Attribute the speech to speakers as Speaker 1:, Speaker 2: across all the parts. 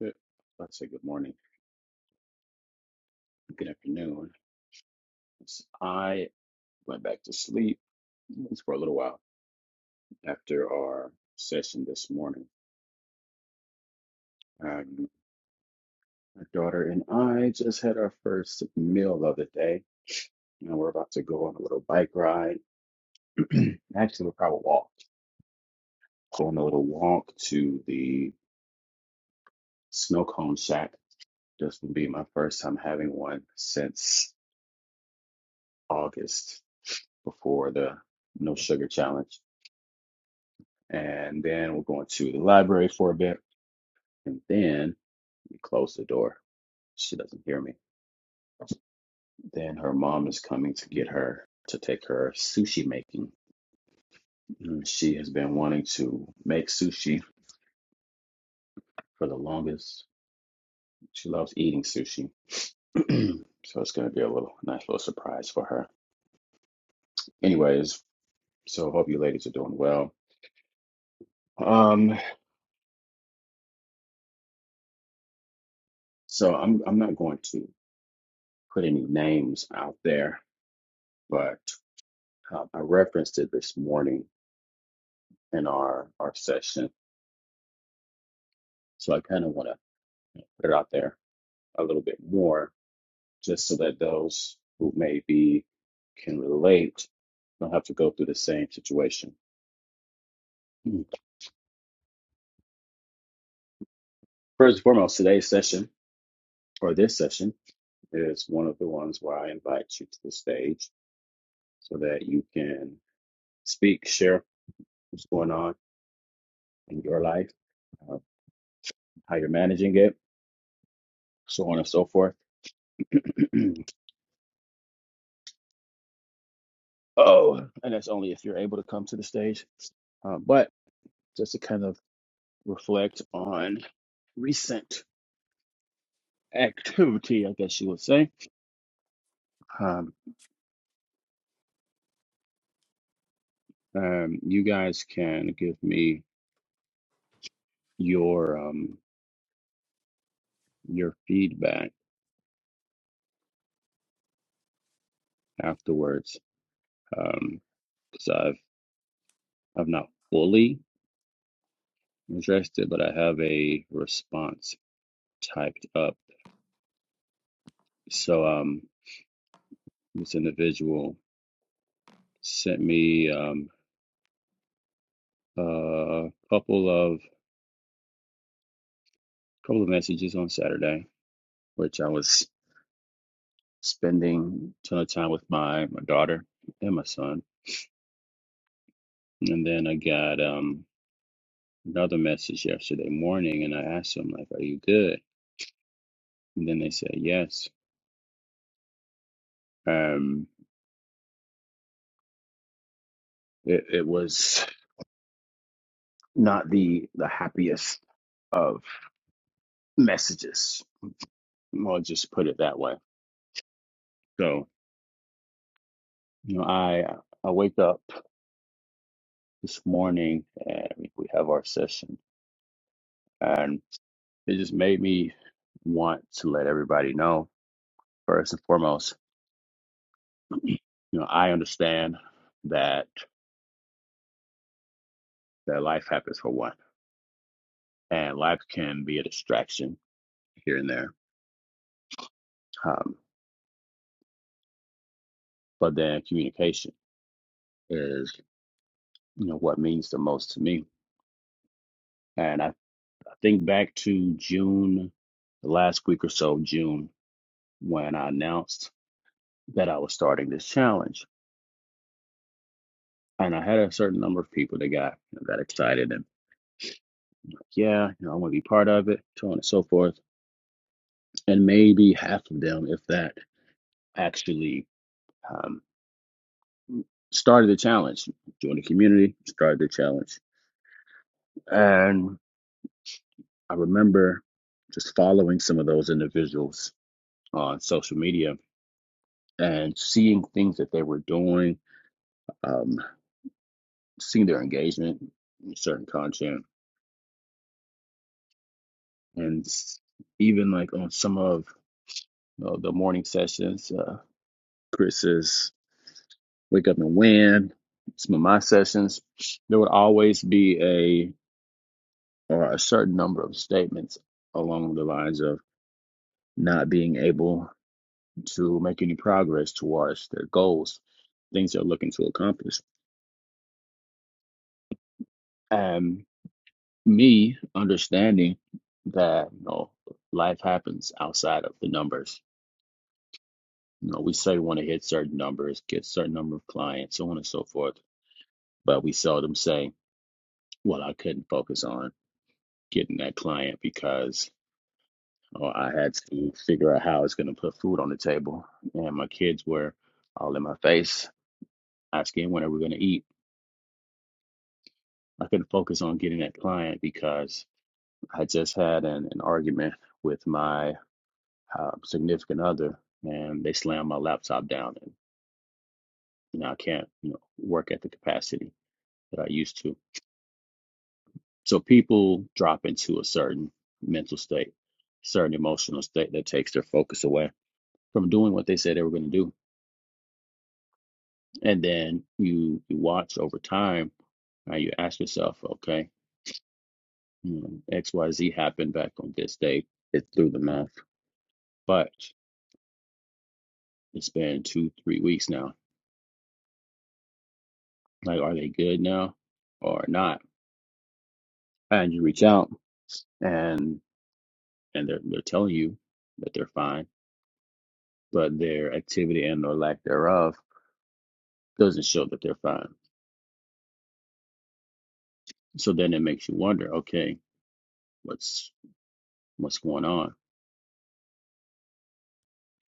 Speaker 1: Good. Let's say good morning, good afternoon. So I went back to sleep for a little while after our session this morning. Um, my daughter and I just had our first meal the other day. Now we're about to go on a little bike ride. Actually, we'll probably walk. Go on a little walk to the snow cone shack. This will be my first time having one since August before the no sugar challenge. And then we're going to the library for a bit And then we close the door. She doesn't hear me. Then her mom is coming to get her to take her sushi making. And She has been wanting to make sushi for the longest. She loves eating sushi. so it's going to be a little nice little surprise for her. Anyways, so hope you ladies are doing well. Um, so I'm I'm not going to put any names out there, but um, I referenced it this morning in our our session. So I kind of want to put it out there a little bit more just so that those who maybe can relate don't have to go through the same situation. Hmm. First and foremost, today's session or this session is one of the ones where I invite you to the stage so that you can speak, share what's going on in your life, uh, how you're managing it, so on and so forth. oh, and that's only if you're able to come to the stage. Uh, but just to kind of reflect on recent. activity, I guess you would say. Um, um, you guys can give me your um, your feedback afterwards, um, because I've I've not fully addressed it, but I have a response typed up. So um, this individual sent me um, a couple of couple of messages on Saturday, which I was spending a ton of time with my my daughter and my son, and then I got um another message yesterday morning and I asked them like, "Are you good?" And then they said, "Yes." Um, it, it was not the the happiest of messages. I'll just put it that way. So you know, I I wake up this morning and we have our session, and it just made me want to let everybody know first and foremost. You know, I understand that that life happens for one, and life can be a distraction here and there Um, but then communication is, you know, what means the most to me. And I, I think back to June, the last week or so, of June, when I announced that I was starting this challenge. And I had a certain number of people that got you know, got excited and yeah, you know, I want to be part of it, so on and so forth. And maybe half of them, if that, actually um, started the challenge, joined the community, started the challenge. And I remember just following some of those individuals on social media and seeing things that they were doing, um, seeing their engagement in certain content, and even like on some of you know, the morning sessions, uh, Chris's wake up and win. Some of my sessions, there would always be a or a certain number of statements along the lines of not being able to make any progress towards their goals, things they're looking to accomplish. and. me understanding that you know life happens outside of the numbers. You know, we say we want to hit certain numbers, get certain number of clients, so on and so forth, but we seldom say, "Well, I couldn't focus on getting that client because oh, I had to figure out how it's going to put food on the table, and my kids were all in my face asking when are we going to eat." I couldn't focus on getting that client because I just had an, an argument with my uh, significant other, and they slam my laptop down, and you know I can't you know work at the capacity that I used to. So people drop into a certain mental state, certain emotional state that takes their focus away from doing what they said they were going to do, and then you you watch over time. Uh, you ask yourself, okay, you know, X Y Z happened back on this day. It's through the math, but it's been two three weeks now. Like, are they good now or not? And you reach out and and they're they're telling you that they're fine, but their activity and or lack thereof doesn't show that they're fine. So then it makes you wonder, okay, what's what's going on?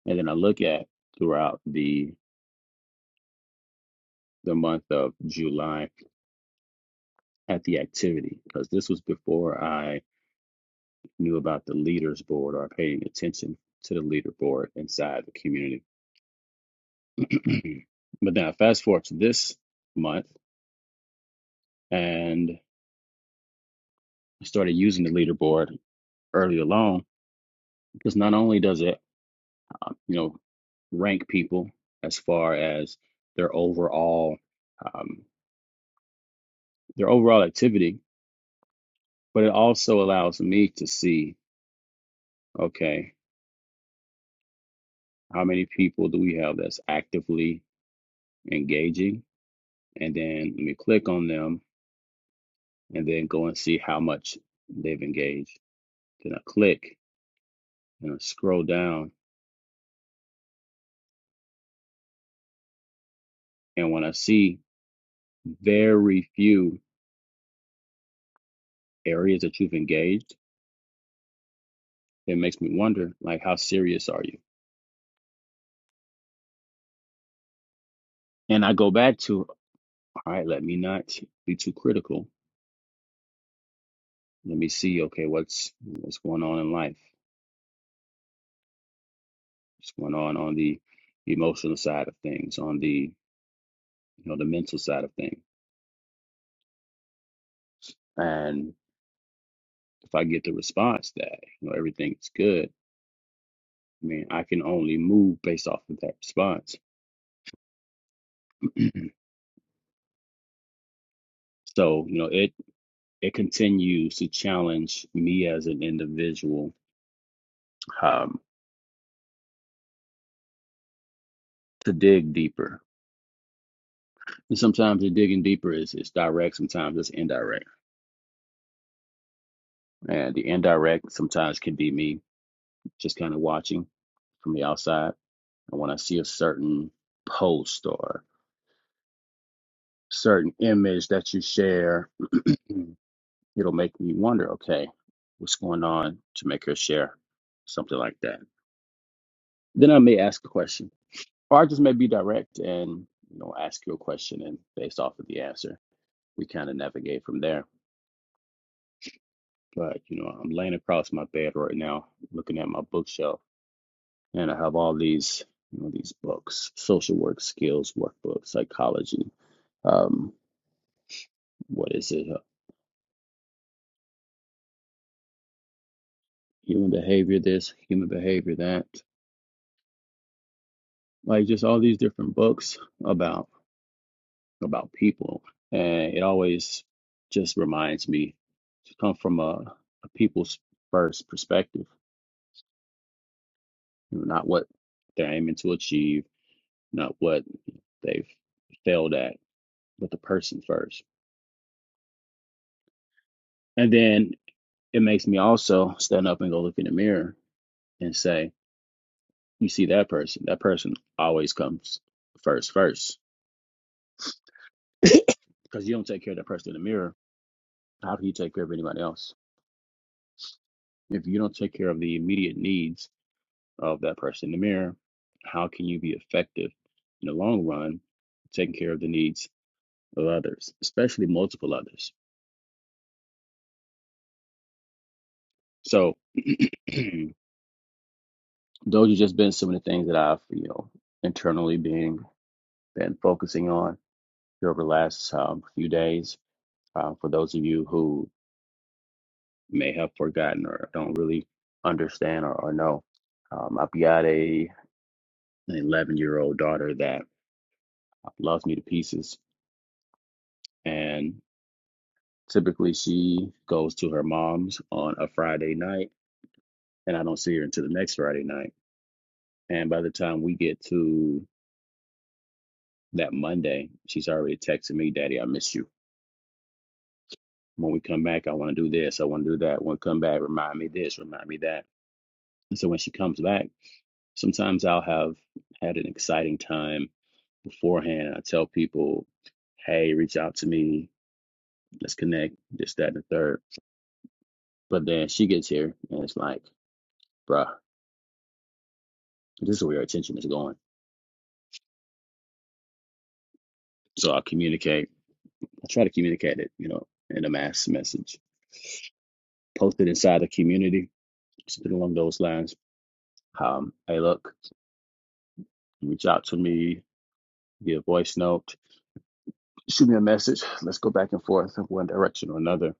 Speaker 1: And then I look at throughout the the month of July at the activity because this was before I knew about the leaders board or paying attention to the leader board inside the community. but then I fast forward to this month and I started using the leaderboard early along because not only does it uh, you know rank people as far as their overall um, their overall activity but it also allows me to see okay how many people do we have that's actively engaging and then let me click on them and then go and see how much they've engaged then i click and i scroll down and when i see very few areas that you've engaged it makes me wonder like how serious are you And I go back to, all right, let me not be too critical. Let me see, okay, what's what's going on in life? What's going on on the emotional side of things, on the you know the mental side of things. And if I get the response that you know everything's good, I mean, I can only move based off of that response. so you know, it it continues to challenge me as an individual um, to dig deeper. And sometimes the digging deeper is is direct, sometimes it's indirect And the indirect sometimes can be me just kind of watching from the outside. And when I see a certain post or certain image that you share, it'll make me wonder, okay, what's going on to make her share something like that? Then I may ask a question, or I just may be direct and you know ask you a question, and based off of the answer, we kind of navigate from there. But you know, I'm laying across my bed right now, looking at my bookshelf and I have all these you know these books, social work skills workbooks, psychology, um, what is it, uh, human behavior, this, human behavior, that, like just all these different books about about people, and it always just reminds me to come from a, a people's first perspective, you know, not what they're aiming to achieve, not what they've failed at, but the person first, and then it makes me also stand up and go look in the mirror and say, you see that person, that person always comes first, first. Because you don't take care of that person in the mirror, how can you take care of anybody else? If you don't take care of the immediate needs of that person in the mirror, how can you be effective in the long run taking care of the needs of others, especially multiple others? So those have just been some of the things that I've, you know, internally being been focusing on here over the last um, few days. Um, for those of you who may have forgotten or don't really understand or, or know. Um, I've got a an 11 year old daughter that loves me to pieces, and typically she goes to her mom's on a Friday night, and I don't see her until the next Friday night. And by the time we get to that Monday, she's already texting me, "Daddy, I miss you." When we come back, I want to do this. I want to do that. When we come back, remind me this, remind me that. And so when she comes back, sometimes I'll have had an exciting time beforehand. I tell people, hey, reach out to me, let's connect, this, that, and the third. But then she gets here and it's like, bruh, this is where your attention is going. So I communicate, I try to communicate it, you know, in a mass message, post it inside the community, something along those lines. Um, hey, look, reach out to me, get a voice note, shoot me a message. Let's go back and forth in one direction or another.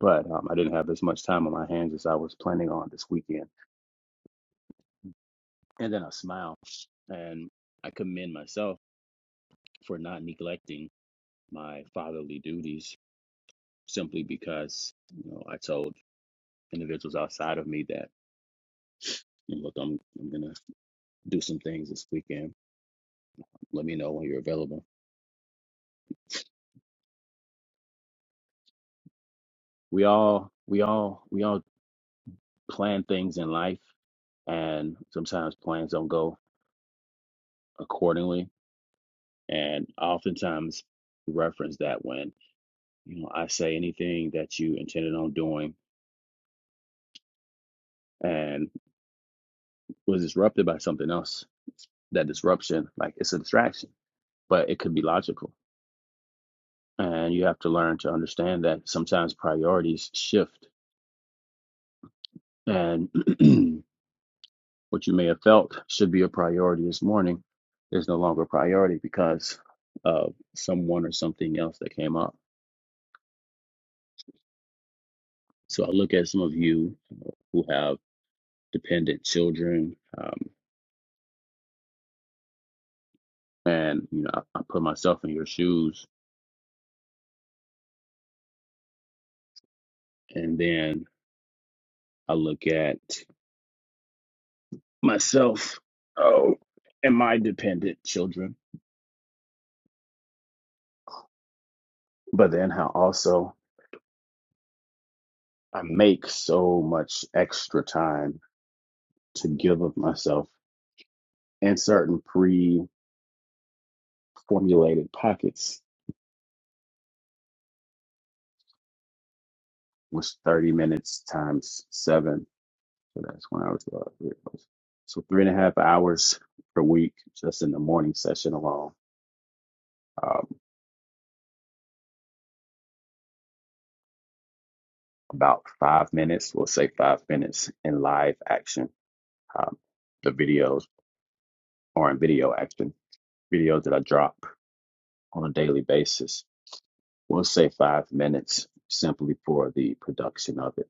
Speaker 1: But um, I didn't have as much time on my hands as I was planning on this weekend. and then I smile. And I commend myself for not neglecting my fatherly duties simply because, you know, I told individuals outside of me that, "And look, I'm I'm gonna do some things this weekend. Let me know when you're available. We all we all we all plan things in life and sometimes plans don't go accordingly. And I oftentimes reference that when, you know, I say anything that you intended on doing and. was disrupted by something else. That disruption, like it's a distraction, but it could be logical. And you have to learn to understand that sometimes priorities shift. And what you may have felt should be a priority this morning is no longer a priority because of someone or something else that came up. So I look at some of you who have dependent children, um, and you know, I, I put myself in your shoes, and then I look at myself oh, and my dependent children, but then how also I make so much extra time to give of myself in certain pre formulated pockets, which 30 minutes times seven. So that's one hour, 12 hours. three hours. So three and a half hours per week, just in the morning session alone. Um, about five minutes, we'll say five minutes in live action, um, the videos or in video action video that I drop on a daily basis. We'll say five minutes simply for the production of it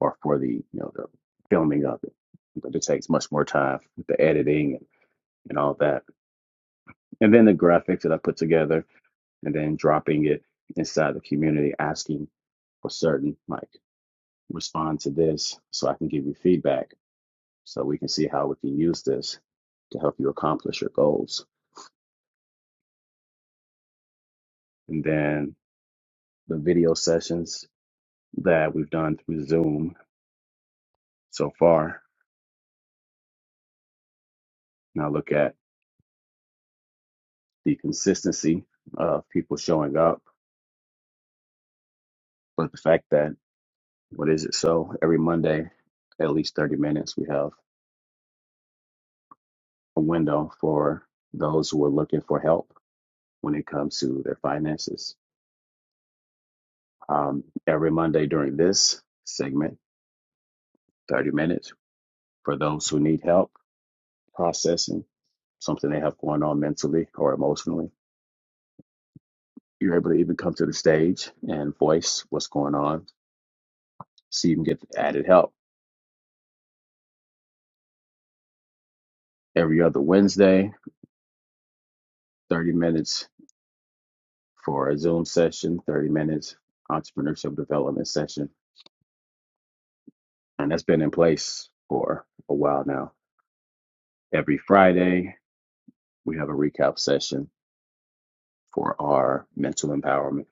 Speaker 1: or for the, you know, the filming of it. But it takes much more time with the editing and, and all that. And then the graphics that I put together and then dropping it inside the community, asking for certain, like, respond to this so I can give you feedback so we can see how we can use this to help you accomplish your goals. And then the video sessions that we've done through Zoom so far. Now look at the consistency of people showing up, but the fact that what is it? So every Monday, at least 30 minutes, we have a window for those who are looking for help when it comes to their finances. Um, every Monday during this segment, 30 minutes for those who need help processing something they have going on mentally or emotionally. You're able to even come to the stage and voice what's going on so you can get added help. Every other Wednesday, 30 minutes for a Zoom session, 30 minutes entrepreneurship development session. And that's been in place for a while now. Every Friday, we have a recap session for our mental empowerment,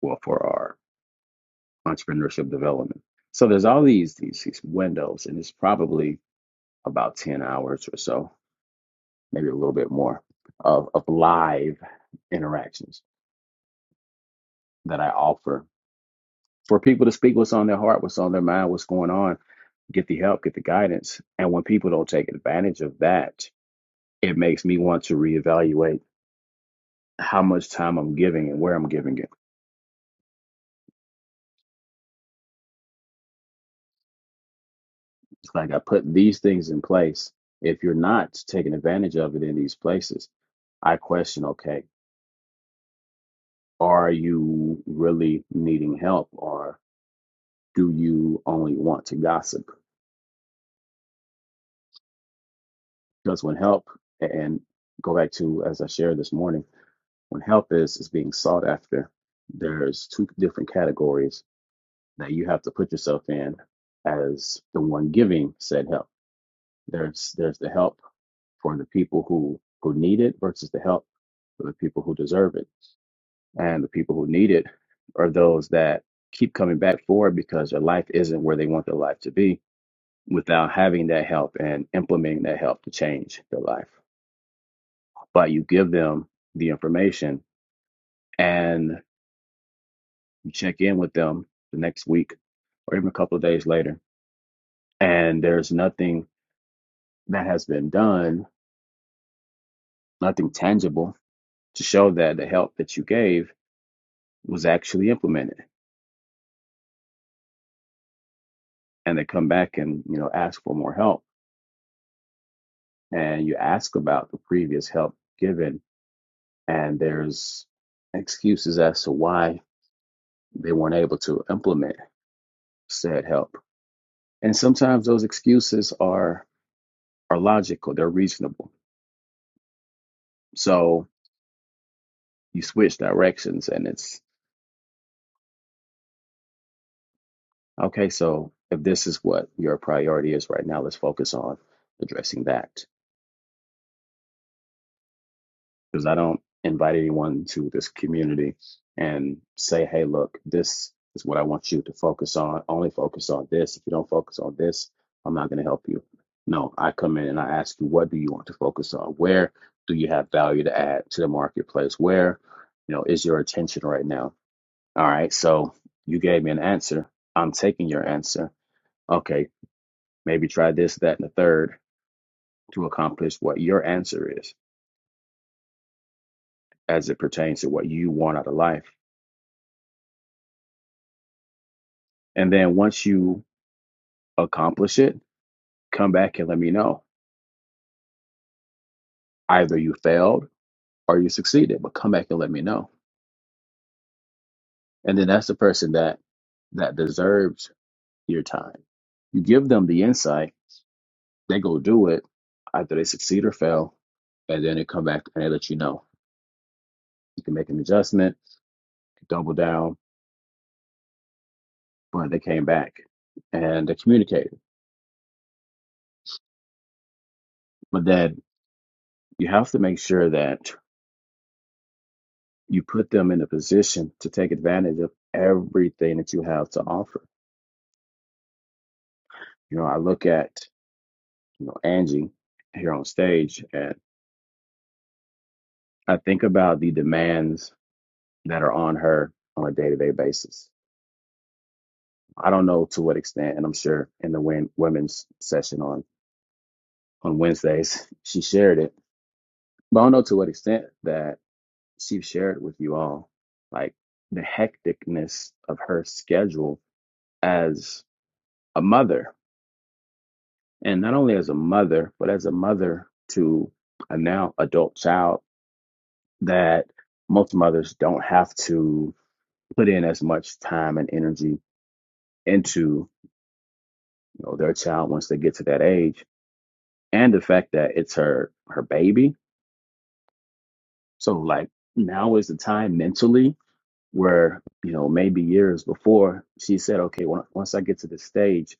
Speaker 1: well, for our entrepreneurship development. So there's all these these, these windows, and it's probably about 10 hours or so, maybe a little bit more of, of live interactions that I offer for people to speak what's on their heart, what's on their mind, what's going on, get the help, get the guidance. And when people don't take advantage of that, it makes me want to reevaluate how much time I'm giving and where I'm giving it. It's like I put these things in place. If you're not taking advantage of it in these places, I question, okay, are you really needing help or do you only want to gossip? Because when help and go back to as I shared this morning when help is is being sought after there's two different categories that you have to put yourself in as the one giving said help there's there's the help for the people who who need it versus the help for the people who deserve it and the people who need it are those that keep coming back for it because their life isn't where they want their life to be without having that help and implementing that help to change their life but you give them the information and You check in with them the next week or even a couple of days later, and there's nothing that has been done, nothing tangible to show that the help that you gave was actually implemented. And they come back and you know ask for more help, and you ask about the previous help given, and there's excuses as to why they weren't able to implement said help. And sometimes those excuses are are logical, they're reasonable. So you switch directions and it's Okay, so if this is what your priority is right now, let's focus on addressing that. Because I don't invite anyone to this community and say, hey, look, this is what I want you to focus on. Only focus on this. If you don't focus on this, I'm not going to help you. No, I come in and I ask you, what do you want to focus on? Where do you have value to add to the marketplace? Where, you know, is your attention right now? All right, so you gave me an answer. I'm taking your answer. Okay, Maybe try this, that, and the third to accomplish what your answer is as it pertains to what you want out of life. And then once you accomplish it, come back and let me know. Either you failed or you succeeded, but come back and let me know. And then that's the person that that deserves your time. You give them the insight, they go do it, either they succeed or fail, and then they come back and they let you know. You can make an adjustment, double down, but they came back and they communicated. But then you have to make sure that you put them in a position to take advantage of everything that you have to offer. You know, I look at, you know, Angie here on stage and I think about the demands that are on her on a day-to-day basis. I don't know to what extent, and I'm sure in the win- women's session on on Wednesdays, she shared it. But I don't know to what extent that she shared with you all, like the hecticness of her schedule as a mother and not only as a mother, but as a mother to a now adult child that most mothers don't have to put in as much time and energy into you know their child once they get to that age and the fact that it's her her baby so like now is the time mentally where you know maybe years before she said okay when, once i get to this stage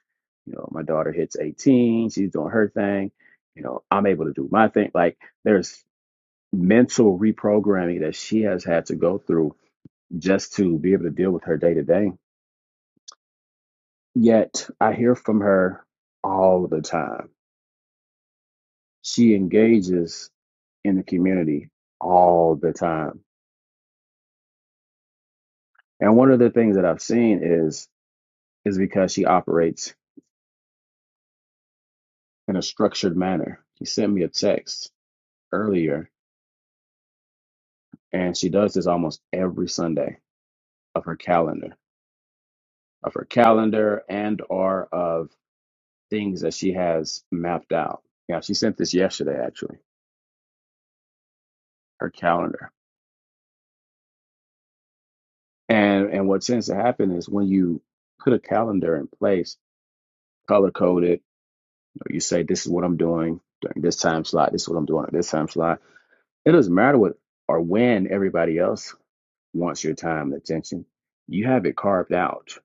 Speaker 1: you know my daughter hits 18 she's doing her thing you know i'm able to do my thing like there's mental reprogramming that she has had to go through just to be able to deal with her day to day. Yet I hear from her all the time. She engages in the community all the time. And one of the things that I've seen is is because she operates in a structured manner. She sent me a text earlier and she does this almost every Sunday of her calendar, of her calendar and or of things that she has mapped out. Yeah, she sent this yesterday actually, her calendar. And and what tends to happen is when you put a calendar in place, color coded, you know, you say this is what I'm doing during this time slot, this is what I'm doing at this time slot. It doesn't matter what or when everybody else wants your time and attention. You have it carved out.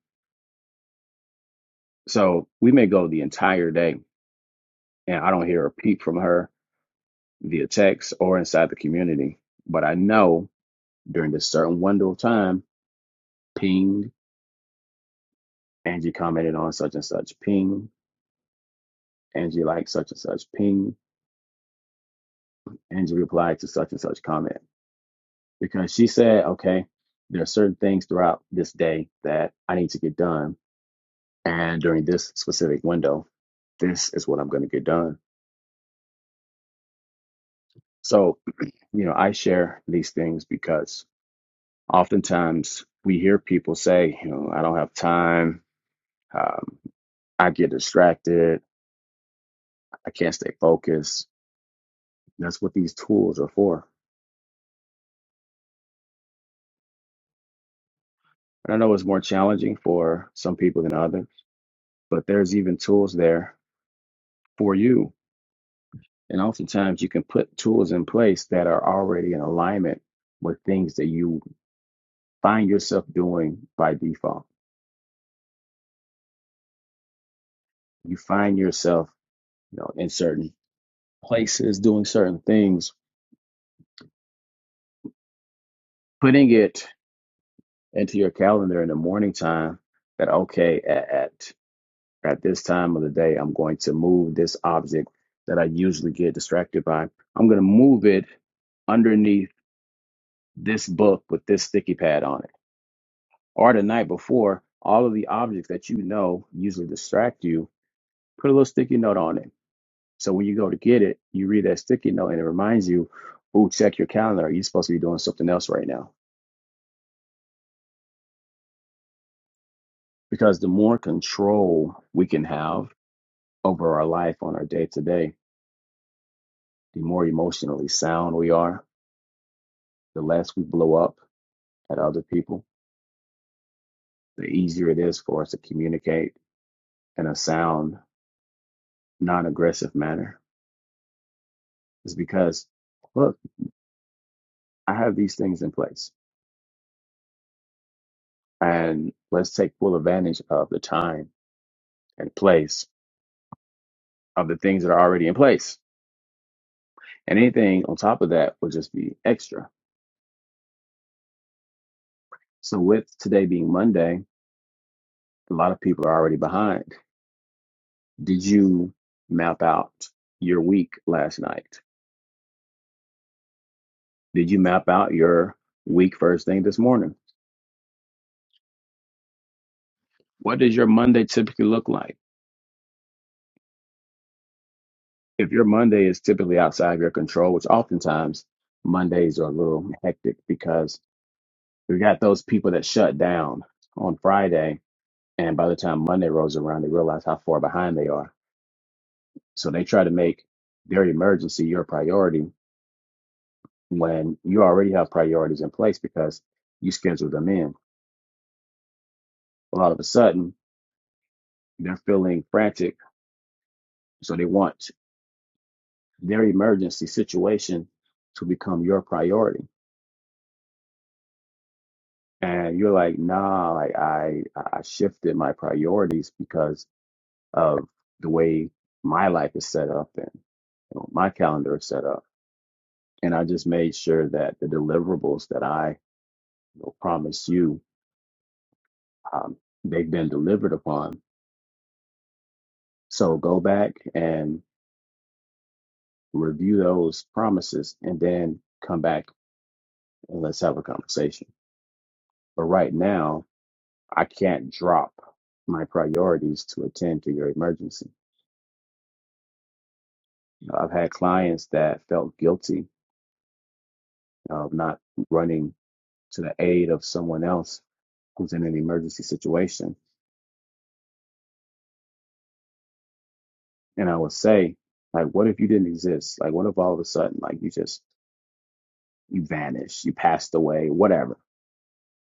Speaker 1: So we may go the entire day and I don't hear a peep from her via text or inside the community. But I know during this certain window of time Ping, Angie commented on such and such. Ping, Angie liked such and such. Ping, Angie replied to such and such comment. Because she said, okay, there are certain things throughout this day that I need to get done. And during this specific window, this is what I'm going to get done. So, you know, I share these things because oftentimes we hear people say, you know, I don't have time. Um, I get distracted. I can't stay focused. That's what these tools are for And I know it's more challenging for some people than others, but there's even tools there for you. And oftentimes you can put tools in place that are already in alignment with things that you find yourself doing by default. You find yourself, you know, in certain places doing certain things, putting it into your calendar in the morning time that okay, at at, at this time of the day, I'm going to move this object that I usually get distracted by. I'm going to move it underneath this book with this sticky pad on it. Or the night before, all of the objects that you know usually distract you, put a little sticky note on it. So when you go to get it, you read that sticky note and it reminds you, ooh, check your calendar. You're supposed to be doing something else right now. Because the more control we can have over our life on our day to day, the more emotionally sound we are, the less we blow up at other people, the easier it is for us to communicate in a sound, non aggressive manner is because, look, I have these things in place, and let's take full advantage of the time and place of the things that are already in place. And anything on top of that will just be extra. So, with today being Monday, a lot of people are already behind. Did you map out your week last night? Did you map out your week first thing this morning? What does your Monday typically look like? If your Monday is typically outside of your control, which oftentimes Mondays are a little hectic because We got those people that shut down on Friday, and by the time Monday rolls around, they realize how far behind they are. So they try to make their emergency your priority when you already have priorities in place because you scheduled them in. Well, all of a sudden, they're feeling frantic, so they want their emergency situation to become your priority. And you're like, nah, like I I shifted my priorities because of the way my life is set up and you know, my calendar is set up. And I just made sure that the deliverables that I you know, promised you, um, they've been delivered upon. So go back and review those promises and then come back and let's have a conversation. But right now, I can't drop my priorities to attend to your emergency. I've had clients that felt guilty of not running to the aid of someone else who's in an emergency situation. And I would say, like, what if you didn't exist? Like, what if all of a sudden, like, you just, you vanished, you passed away, whatever?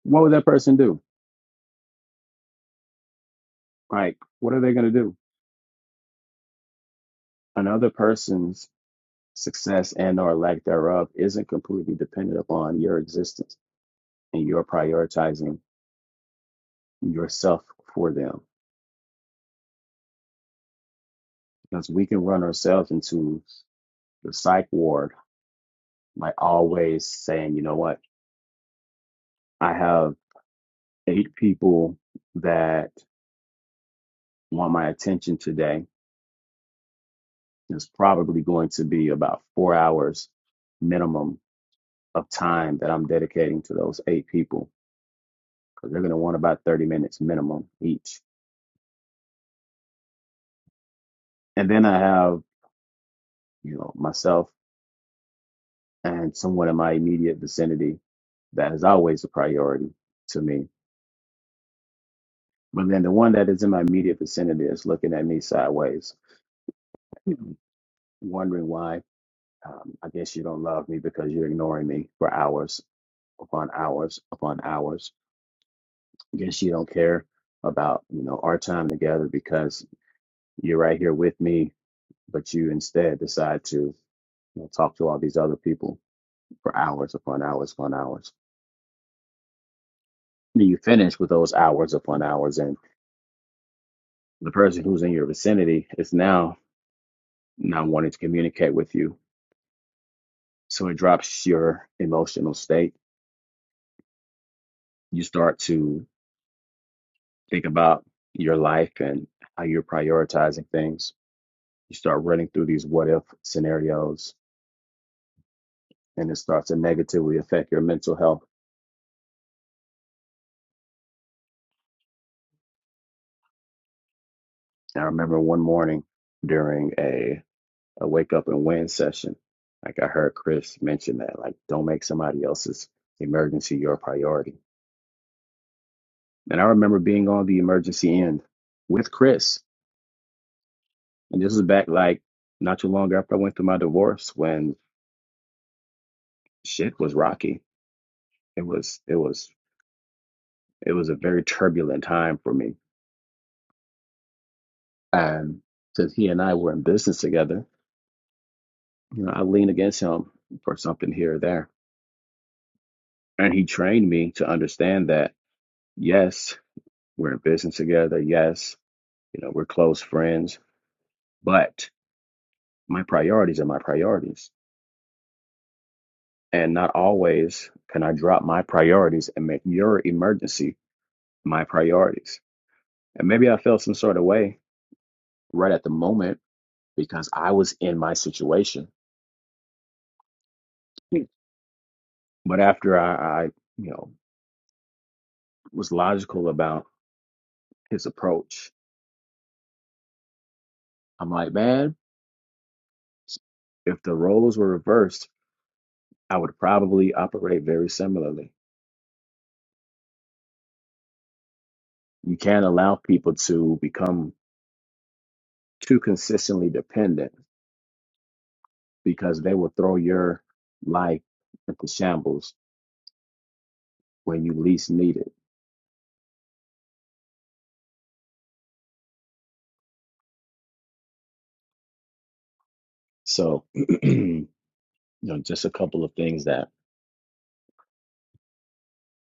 Speaker 1: What would that person do? Like, what are they going to do? Another person's success and or lack thereof isn't completely dependent upon your existence and your prioritizing yourself for them. Because we can run ourselves into the psych ward, like always saying, you know what? I have eight people that want my attention today. There's probably going to be about four hours minimum of time that I'm dedicating to those eight people because they're going to want about 30 minutes minimum each. And then I have, you know, myself and someone in my immediate vicinity that is always a priority to me. But then the one that is in my immediate vicinity is looking at me sideways, you know, wondering why Um, I guess you don't love me because you're ignoring me for hours upon hours upon hours. I guess you don't care about you know our time together because you're right here with me, but you instead decide to you know, talk to all these other people for hours upon hours upon hours. Then you finish with those hours upon hours, and the person who's in your vicinity is now not wanting to communicate with you. So it drops your emotional state. You start to think about your life and how you're prioritizing things. You start running through these what if scenarios and it starts to negatively affect your mental health. And I remember one morning during a, a wake up and win session, like I heard Chris mention that, like, don't make somebody else's emergency your priority. And I remember being on the emergency end with Chris. And this was back like not too long after I went through my divorce when shit was rocky. It was it was It was a very turbulent time for me. And since he and I were in business together, you know, I leaned against him for something here or there. And he trained me to understand that, yes, we're in business together. Yes, you know, we're close friends, but my priorities are my priorities. And not always can I drop my priorities and make your emergency my priorities. And maybe I felt some sort of way right at the moment because I was in my situation. But after I, I, you know, was logical about his approach, I'm like, man, if the roles were reversed, I would probably operate very similarly. You can't allow people to become too consistently dependent because they will throw your life into shambles when you least need it. So, you know, just a couple of things that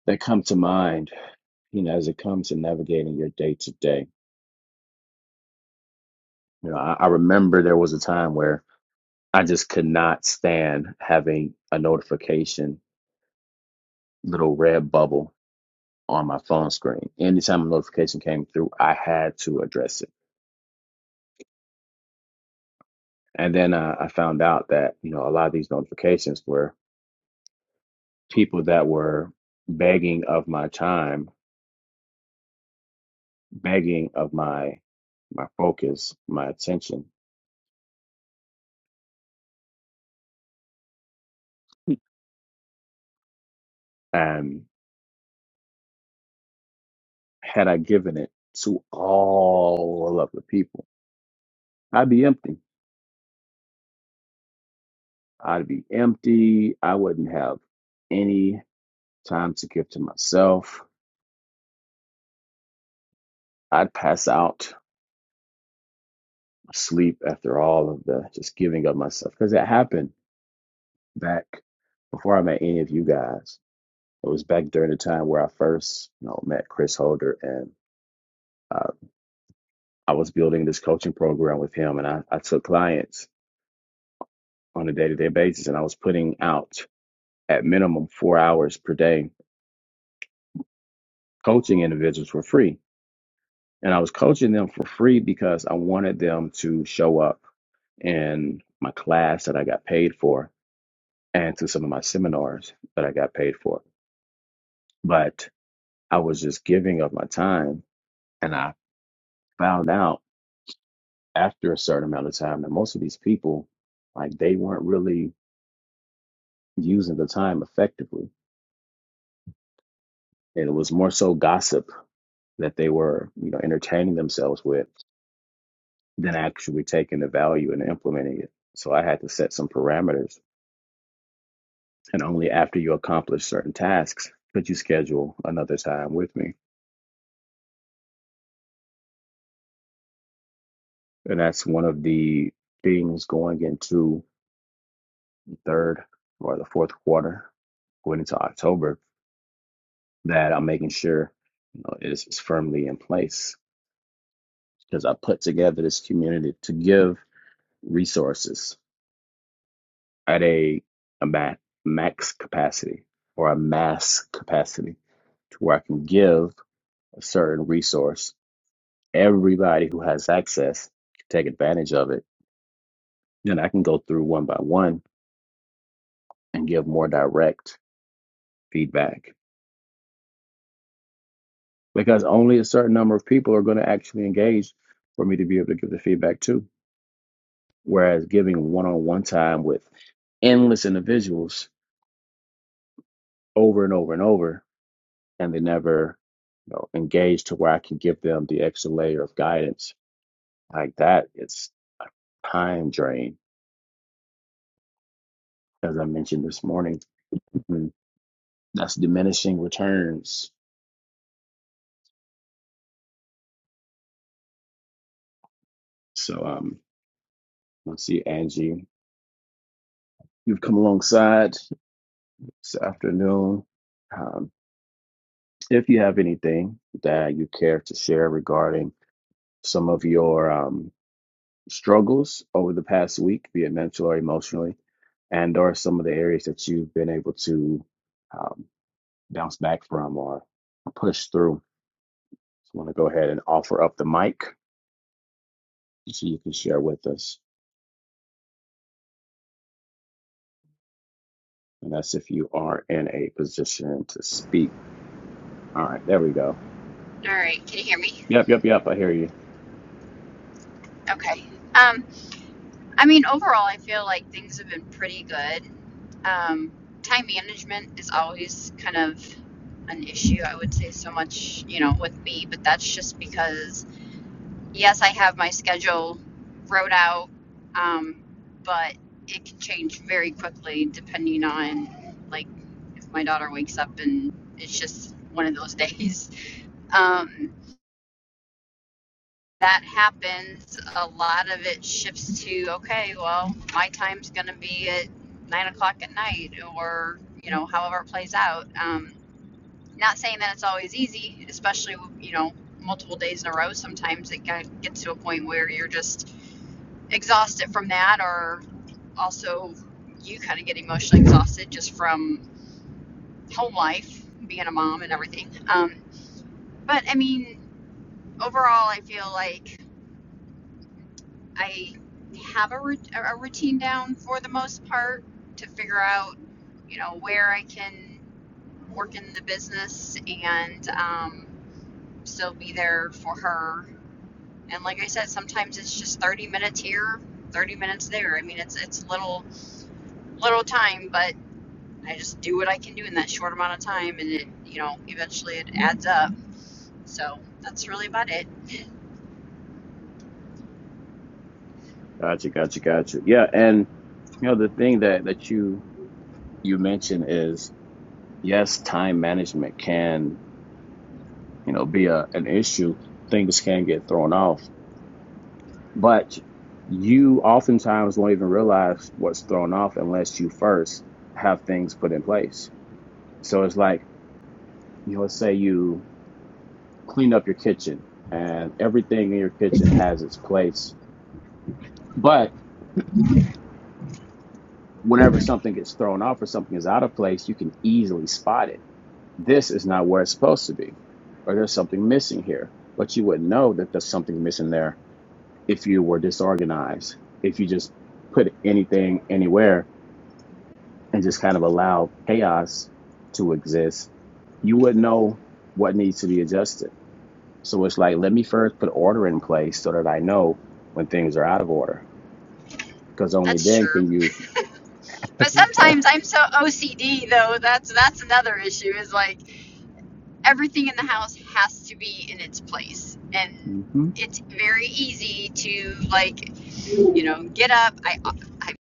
Speaker 1: that come to mind, you know, as it comes to navigating your day to day. You know, I, I remember there was a time where I just could not stand having a notification little red bubble on my phone screen. Anytime a notification came through, I had to address it. And then uh, I found out that you know a lot of these notifications were people that were begging of my time, begging of my my focus, my attention. And had I given it to all of the people, I'd be empty. I'd be empty. I wouldn't have any. time to give to myself. I'd pass out, sleep after all of the just giving of myself because it happened back before I met any of you guys. It was back during the time where I first you know, met Chris Holder and uh, I was building this coaching program with him and I, I took clients on a day to day basis and I was putting out at minimum four hours per day coaching individuals for free. And I was coaching them for free because I wanted them to show up in my class that I got paid for and to some of my seminars that I got paid for. But I was just giving of my time and I found out after a certain amount of time that most of these people like they weren't really using the time effectively. And it was more so gossip that they were, you know, entertaining themselves with than actually taking the value and implementing it. So I had to set some parameters. And only after you accomplish certain tasks could you schedule another time with me And that's one of the things going into the third or the fourth quarter, going into October, that I'm making sure you know, is, is firmly in place because I put together this community to give resources at a, a ma- max capacity or a mass capacity to where I can give a certain resource. Everybody who has access can take advantage of it. Then I can go through one by one and give more direct feedback because only a certain number of people are going to actually engage for me to be able to give the feedback to. Whereas giving one on one time with endless individuals over and over and over, and they never you know, engage to where I can give them the extra layer of guidance like that, it's a time drain. As I mentioned this morning, Mhm. that's diminishing returns. So, um, let's see, Angie, you've come alongside this afternoon. Um, if you have anything that you care to share regarding some of your um, struggles over the past week, be it mental or emotionally, and or some of the areas that you've been able to um, bounce back from or push through, so I want to go ahead and offer up the mic so you can share with us. And that's if you are in a position to speak. All right, there we go.
Speaker 2: All right, can you hear me?
Speaker 1: Yep, yep, yep. I hear you.
Speaker 2: Okay. Um, I mean, overall, I feel like things have been pretty good. Um, time management is always kind of an issue, I would say, so much, you know, with me, but that's just because, yes, I have my schedule wrote out, um, but it can change very quickly depending on, like, if my daughter wakes up and it's just one of those days. Um, that happens, a lot of it shifts to okay, well, my time's going to be at nine o'clock at night, or you know, however it plays out. Um, not saying that it's always easy, especially you know, multiple days in a row. Sometimes it gets to a point where you're just exhausted from that, or also you kind of get emotionally exhausted just from home life, being a mom and everything. Um, but I mean, overall, I feel like I have a, a routine down for the most part to figure out, you know, where I can work in the business and um, still be there for her. And like I said, sometimes it's just 30 minutes here, 30 minutes there. I mean, it's it's little little time, but I just do what I can do in that short amount of time, and it you know eventually it adds up. So that's really about it.
Speaker 1: Gotcha, gotcha, gotcha. Yeah, and you know the thing that that you you mentioned is yes, time management can, you know, be a, an issue. Things can get thrown off, but you oftentimes won't even realize what's thrown off unless you first have things put in place. So it's like, you know, let's say you clean up your kitchen and everything in your kitchen has its place, but whenever something gets thrown off or something is out of place, you can easily spot it. This is not where it's supposed to be, or there's something missing here, but you would not know that there's something missing there if you were disorganized, if you just put anything anywhere and just kind of allow chaos to exist, you wouldn't know what needs to be adjusted. So it's like, let me first put order in place so that I know when things are out of order, because only
Speaker 2: That's
Speaker 1: then
Speaker 2: true.
Speaker 1: can you.
Speaker 2: But sometimes I'm so OCD though. That's that's another issue. Is like everything in the house has to be in its place and
Speaker 1: hmm
Speaker 2: it's very easy to like you know get up i i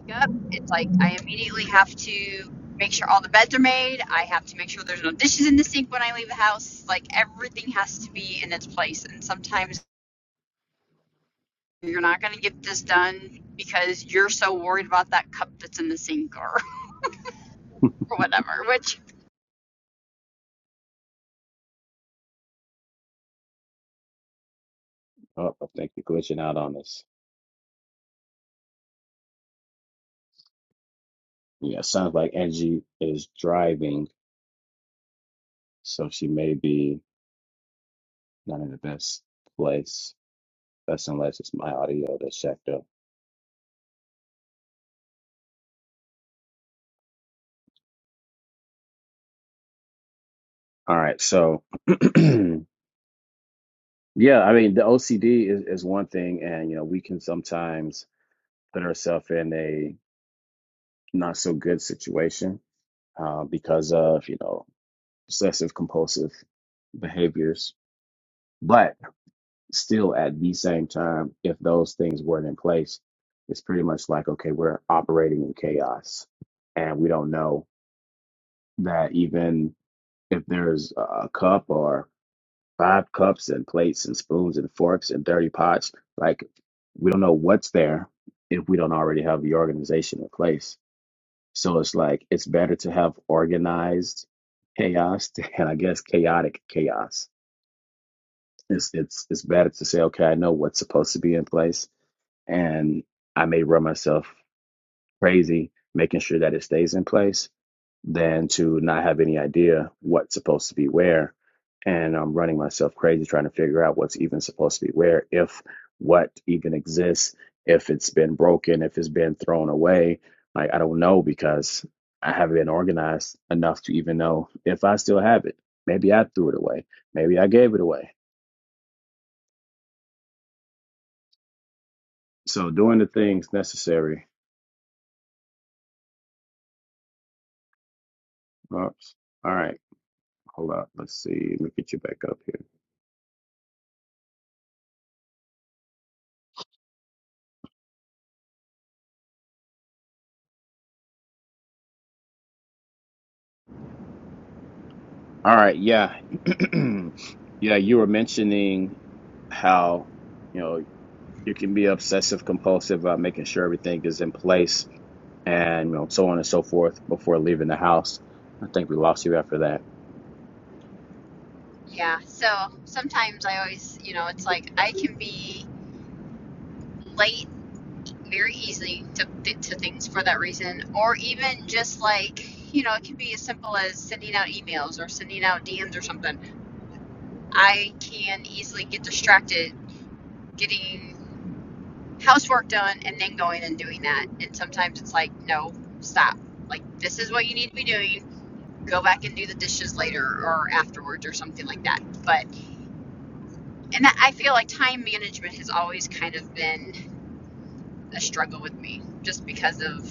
Speaker 2: wake up it's like i immediately have to make sure all the beds are made i have to make sure there's no dishes in the sink when i leave the house like everything has to be in its place and sometimes you're not going to get this done because you're so worried about that cup that's in the sink or, or whatever which
Speaker 1: Oh, I think you're glitching out on us. Yeah, sounds like Angie is driving, so she may be not in the best place. That's unless it's my audio that's checked up. All right, so yeah, I mean the OCD is, is one thing, and you know we can sometimes put ourselves in a not so good situation uh, because of you know obsessive compulsive behaviors. But still, at the same time, if those things weren't in place, it's pretty much like okay, we're operating in chaos, and we don't know that even if there's a a cup or five cups and plates and spoons and forks and dirty pots. Like we don't know what's there if we don't already have the organization in place. So it's like it's better to have organized chaos to, and I guess chaotic chaos. It's it's it's better to say, okay, I know what's supposed to be in place and I may run myself crazy making sure that it stays in place than to not have any idea what's supposed to be where. And I'm running myself crazy trying to figure out what's even supposed to be where, if what even exists, if it's been broken, if it's been thrown away. Like, I don't know because I haven't been organized enough to even know if I still have it. Maybe I threw it away. Maybe I gave it away. So, doing the things necessary. Oops. All right. Hold up. Let's see. Let me get you back up here. All right, yeah. Yeah, you were mentioning how, you know, you can be obsessive compulsive about making sure everything is in place and, you know, so on and so forth before leaving the house. I think we lost you after that.
Speaker 2: yeah so sometimes i always you know it's like i can be late very easily to, to things for that reason, or even just like, you know, it can be as simple as sending out emails or sending out DMs or something. I can easily get distracted getting housework done and then going and doing that. And sometimes it's like, no, stop. Like, this is what you need to be doing. Go back and do the dishes later or afterwards or something like that. But, and I feel like time management has always kind of been a struggle with me just because of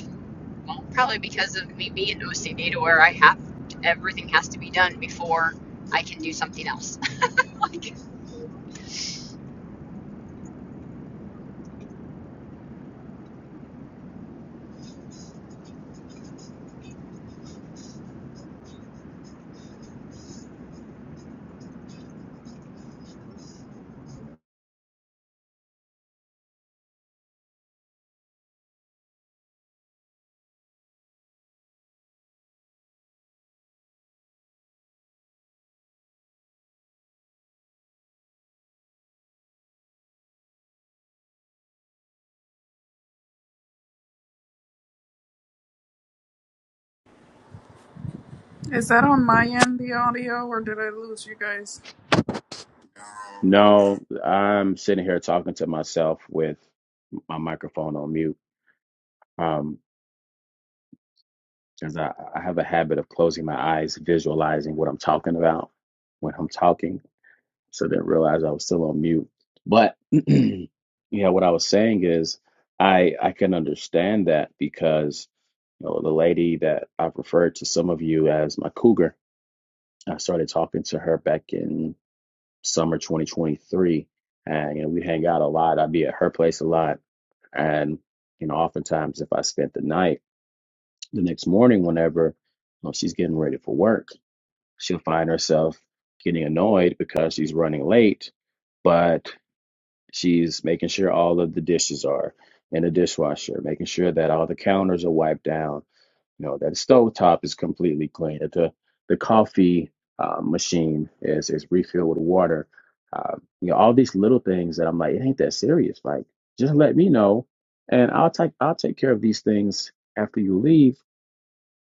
Speaker 2: well, Probably because of me being OCD to where I have to, everything has to be done before I can do something else. Like,
Speaker 3: Is that on my end, the audio, or did I lose you guys?
Speaker 1: No, I'm sitting here talking to myself with my microphone on mute um, because I, I have a habit of closing my eyes, visualizing what I'm talking about when I'm talking. so I didn't realize I was still on mute. But yeah, what I was saying is I I can understand that because you know the lady that I've referred to some of you as my cougar, I started talking to her back in summer 2023, and you know we hang out a lot. I'd be at her place a lot, and you know oftentimes if I spent the night, the next morning whenever you know, she's getting ready for work, she'll find herself getting annoyed because she's running late, but She's making sure all of the dishes are in the dishwasher, making sure that all the counters are wiped down, you know, that the stove top is completely clean, that the, the coffee uh, machine is, is refilled with water. Uh, you know, all these little things that I'm like, it ain't that serious. Like, just let me know and I'll take I'll take care of these things after you leave,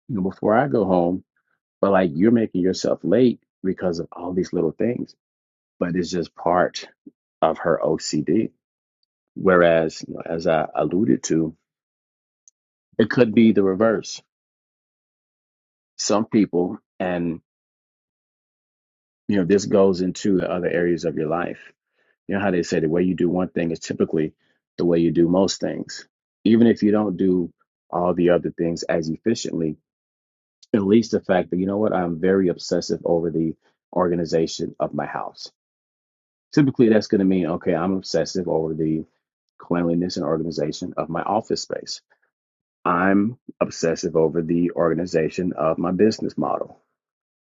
Speaker 1: you know, before I go home. But like you're making yourself late because of all these little things. But it's just part of her OCD Whereas, you know, as I alluded to, it could be the reverse. Some people, and you know, this goes into the other areas of your life. You know how they say the way you do one thing is typically the way you do most things. Even if you don't do all the other things as efficiently, at least the fact that, you know what, I'm very obsessive over the organization of my house. Typically, that's going to mean, okay, I'm obsessive over the cleanliness and organization of my office space I'm obsessive over the organization of my business model.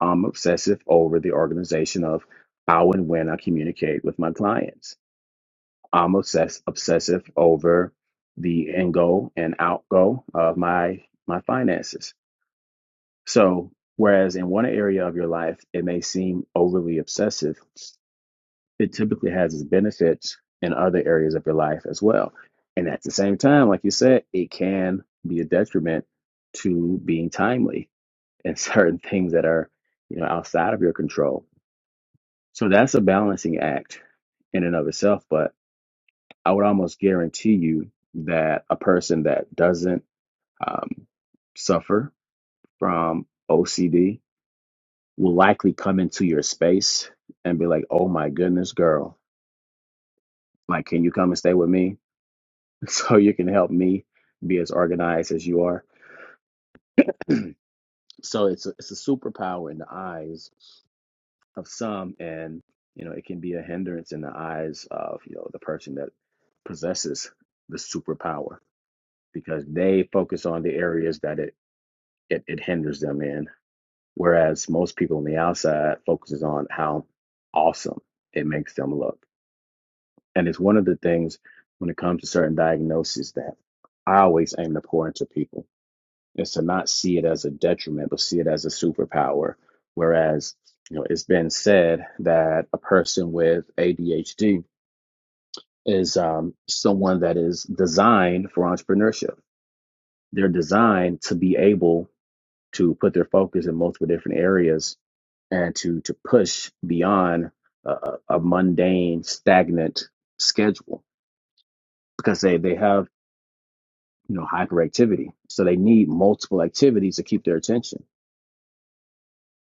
Speaker 1: I'm obsessive over the organization of how and when I communicate with my clients. I'm obsess- obsessive over the in go and out go of my my finances. So whereas in one area of your life it may seem overly obsessive, it typically has its benefits in other areas of your life as well. And at the same time, like you said, it can be a detriment to being timely and certain things that are, you know, outside of your control. So that's a balancing act in and of itself. But I would almost guarantee you that a person that doesn't um, suffer from OCD will likely come into your space and be like, oh my goodness, girl, like, can you come and stay with me? so you can help me be as organized as you are. So it's a, it's a superpower in the eyes of some, and you know it can be a hindrance in the eyes of you know the person that possesses the superpower because they focus on the areas that it it, it hinders them in, whereas most people on the outside focuses on how awesome it makes them look, and it's one of the things when it comes to certain diagnoses that I always aim to pour into people is to not see it as a detriment, but see it as a superpower. Whereas, you know, it's been said that a person with ADHD is um, someone that is designed for entrepreneurship. They're designed to be able to put their focus in multiple different areas and to to push beyond a, a a mundane, stagnant schedule because they they have you know hyperactivity, so they need multiple activities to keep their attention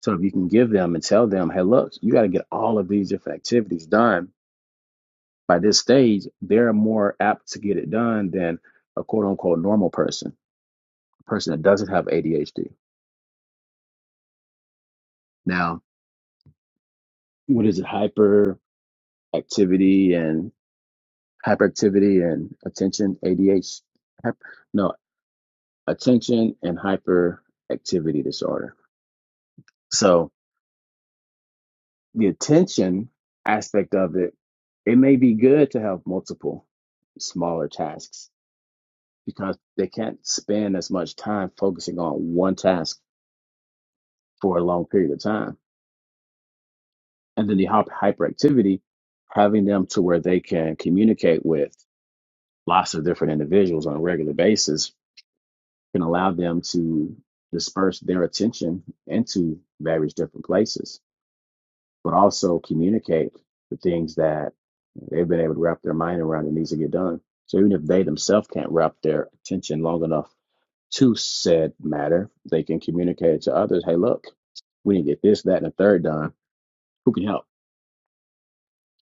Speaker 1: So if you can give them and tell them, hey, look, you got to get all of these different activities done by this stage, they're more apt to get it done than a quote unquote normal person, a person that doesn't have ADHD. Now, what is it? Hyperactivity and hyperactivity and attention, ADHD. No, attention and hyperactivity disorder. So the attention aspect of it, it may be good to have multiple smaller tasks because they can't spend as much time focusing on one task for a long period of time. And then the hyp- hyperactivity, having them to where they can communicate with lots of different individuals on a regular basis can allow them to disperse their attention into various different places but also communicate the things that they've been able to wrap their mind around that needs to get done. So even if they themselves can't wrap their attention long enough to said matter, they can communicate it to others. Hey, look, we need to get this, that, and the third done. Who can help?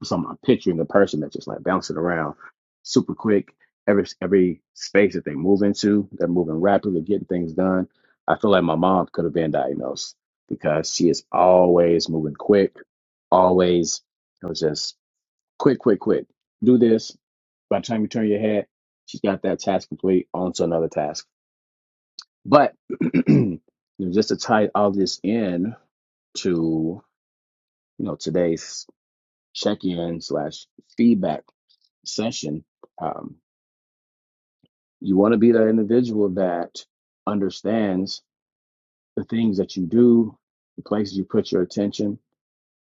Speaker 1: So I'm, I'm picturing a person that's just like bouncing around super quick. Every every space that they move into, they're moving rapidly, getting things done. I feel like my mom could have been diagnosed because she is always moving quick, always it was just quick, quick, quick. Do this. By the time you turn your head, she's got that task complete, on to another task. But you know, just to tie all this in to you know today's check-in slash feedback session, um, you want to be that individual that understands the things that you do, the places you put your attention,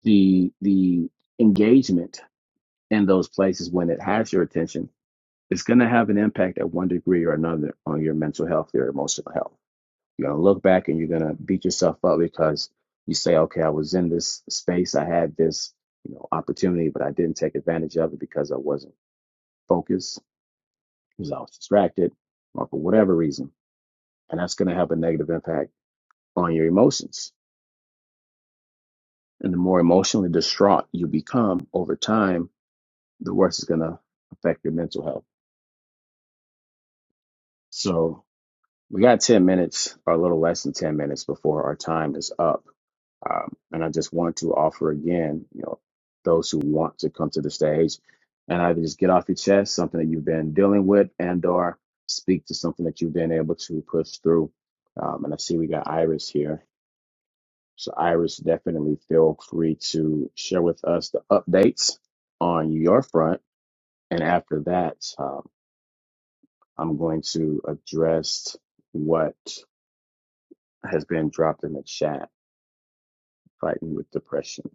Speaker 1: the the engagement in those places when it has your attention. It's going to have an impact at one degree or another on your mental health, your emotional health. You're going to look back and you're going to beat yourself up because you say, "Okay, I was in this space, I had this, you know, opportunity, but I didn't take advantage of it because I wasn't focused, because I was distracted, or for whatever reason." and that's going to have a negative impact on your emotions. And the more emotionally distraught you become over time, the worse it's going to affect your mental health. So we got 10 minutes, or a little less than 10 minutes before our time is up. Um, and I just want to offer again, you know, those who want to come to the stage and either just get off your chest something that you've been dealing with and or speak to something that you've been able to push through. Um, and I see we got Iris here. So, Iris, definitely feel free to share with us the updates on your front. And after that, um, I'm going to address what has been dropped in the chat fighting with depression.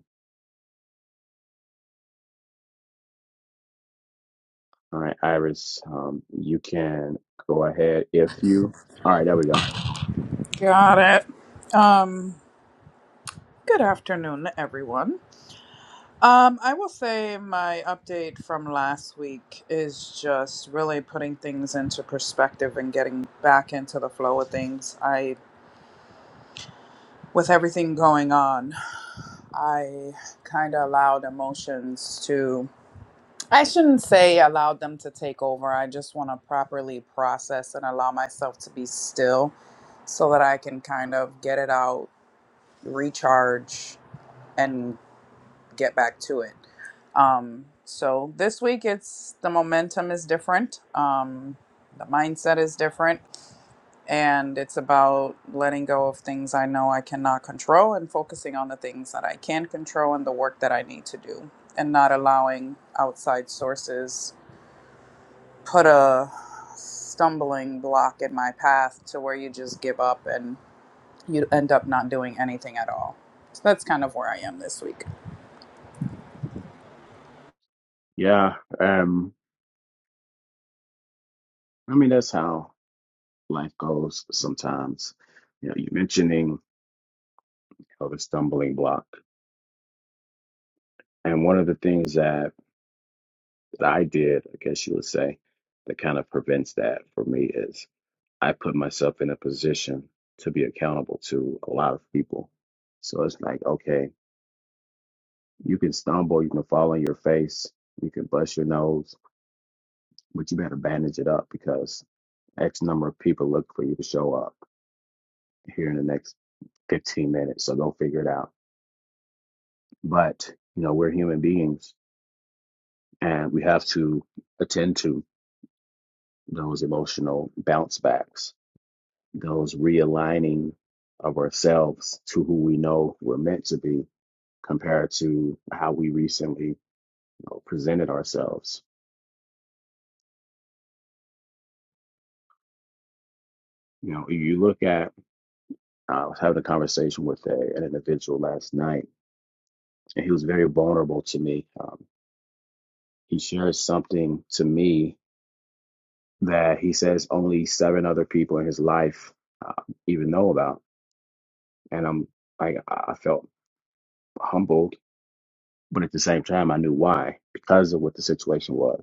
Speaker 1: All right, Iris, um, you can go ahead if you. All right, there we go.
Speaker 3: Got it. Um, good afternoon, everyone. Um, I will say my update from last week is just really putting things into perspective and getting back into the flow of things. I, with everything going on, I kind of allowed emotions to I shouldn't say allow them to take over. I just want to properly process and allow myself to be still so that I can kind of get it out, recharge, and get back to it. Um, so this week, it's the momentum is different, um, the mindset is different, and it's about letting go of things I know I cannot control and focusing on the things that I can control and the work that I need to do, and not allowing outside sources put a stumbling block in my path to where you just give up and you end up not doing anything at all. So that's kind of where I am this week.
Speaker 1: Yeah, um, I mean, that's how life goes sometimes. You know, you're mentioning you know, the stumbling block. And one of the things that that I did, I guess you would say, that kind of prevents that for me is I put myself in a position to be accountable to a lot of people. So it's like, okay, you can stumble, you can fall on your face, you can bust your nose, but you better bandage it up because X number of people look for you to show up here in the next 15 minutes. So go figure it out. But, you know, we're human beings and we have to attend to those emotional bounce backs those realigning of ourselves to who we know we're meant to be compared to how we recently you know, presented ourselves. You know, you look at, uh, I was having a conversation with a, an individual last night, and he was very vulnerable to me. Um, he shares something to me that he says only seven other people in his life uh, even know about. And I'm like, I I felt humbled, but at the same time, I knew why because of what the situation was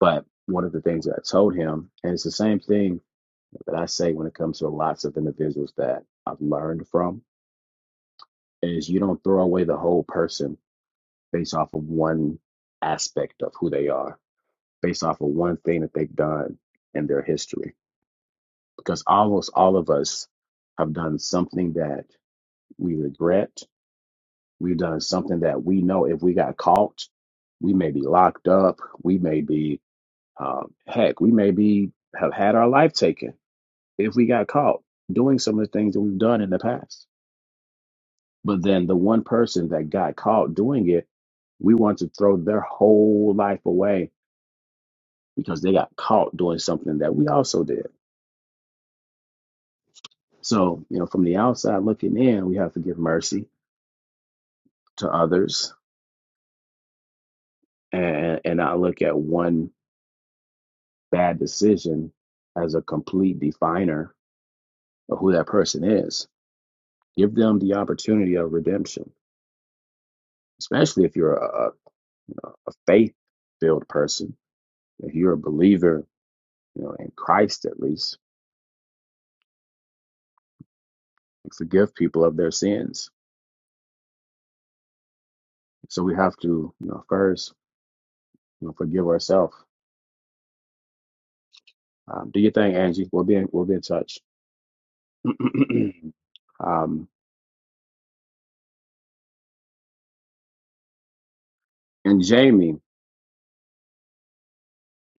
Speaker 1: But one of the things that I told him, and it's the same thing that I say when it comes to lots of individuals that I've learned from, is you don't throw away the whole person based off of one aspect of who they are, based off of one thing that they've done in their history. Because almost all of us have done something that we regret. We've done something that we know if we got caught, we may be locked up. We may be, um, heck, we may be have had our life taken if we got caught doing some of the things that we've done in the past. But then the one person that got caught doing it, we want to throw their whole life away because they got caught doing something that we also did. So, you know, from the outside looking in, we have to give mercy to others and, and not look at one bad decision as a complete definer of who that person is. Give them the opportunity of redemption, especially if you're a, a, you know, a faith filled person If you're a believer, you know, in Christ at least, forgive people of their sins. So we have to, you know, first, you know, forgive ourselves. Um, do your thing, Angie. We'll be in, we'll be in touch. um, and Jamie,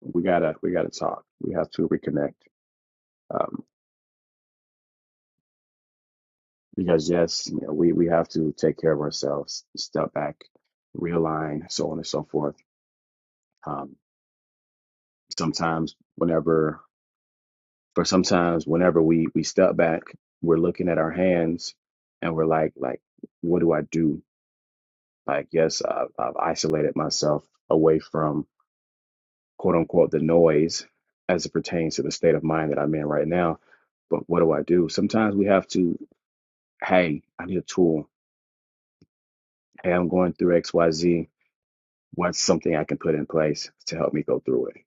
Speaker 1: we gotta we gotta talk. We have to reconnect. Um, because yes, you know, we we have to take care of ourselves, step back, realign, so on and so forth. Um, sometimes, whenever for sometimes whenever we we step back we're looking at our hands and we're like like what do i do like yes i've, I've isolated myself away from quote unquote the noise as it pertains to the state of mind that i'm in right now but what do i do sometimes we have to hey i need a tool hey i'm going through xyz what's something i can put in place to help me go through it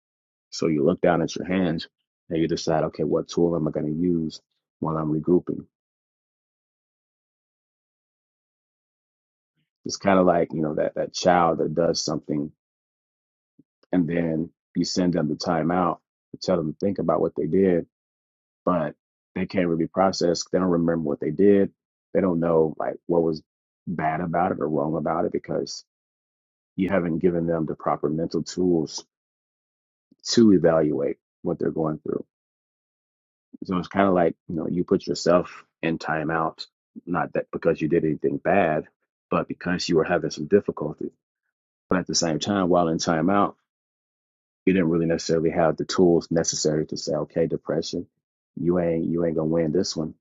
Speaker 1: so you look down at your hands and you decide okay what tool am i going to use while i'm regrouping It's kind of like, you know, that, that child that does something and then you send them to timeout to tell them to think about what they did, but they can't really process. They don't remember what they did. They don't know like what was bad about it or wrong about it because you haven't given them the proper mental tools to evaluate what they're going through. So it's kind of like, you know, you put yourself in timeout, not that because you did anything bad, but because you were having some difficulty. But at the same time, while in timeout, we didn't really necessarily have the tools necessary to say, okay, depression, you ain't you ain't gonna win this one.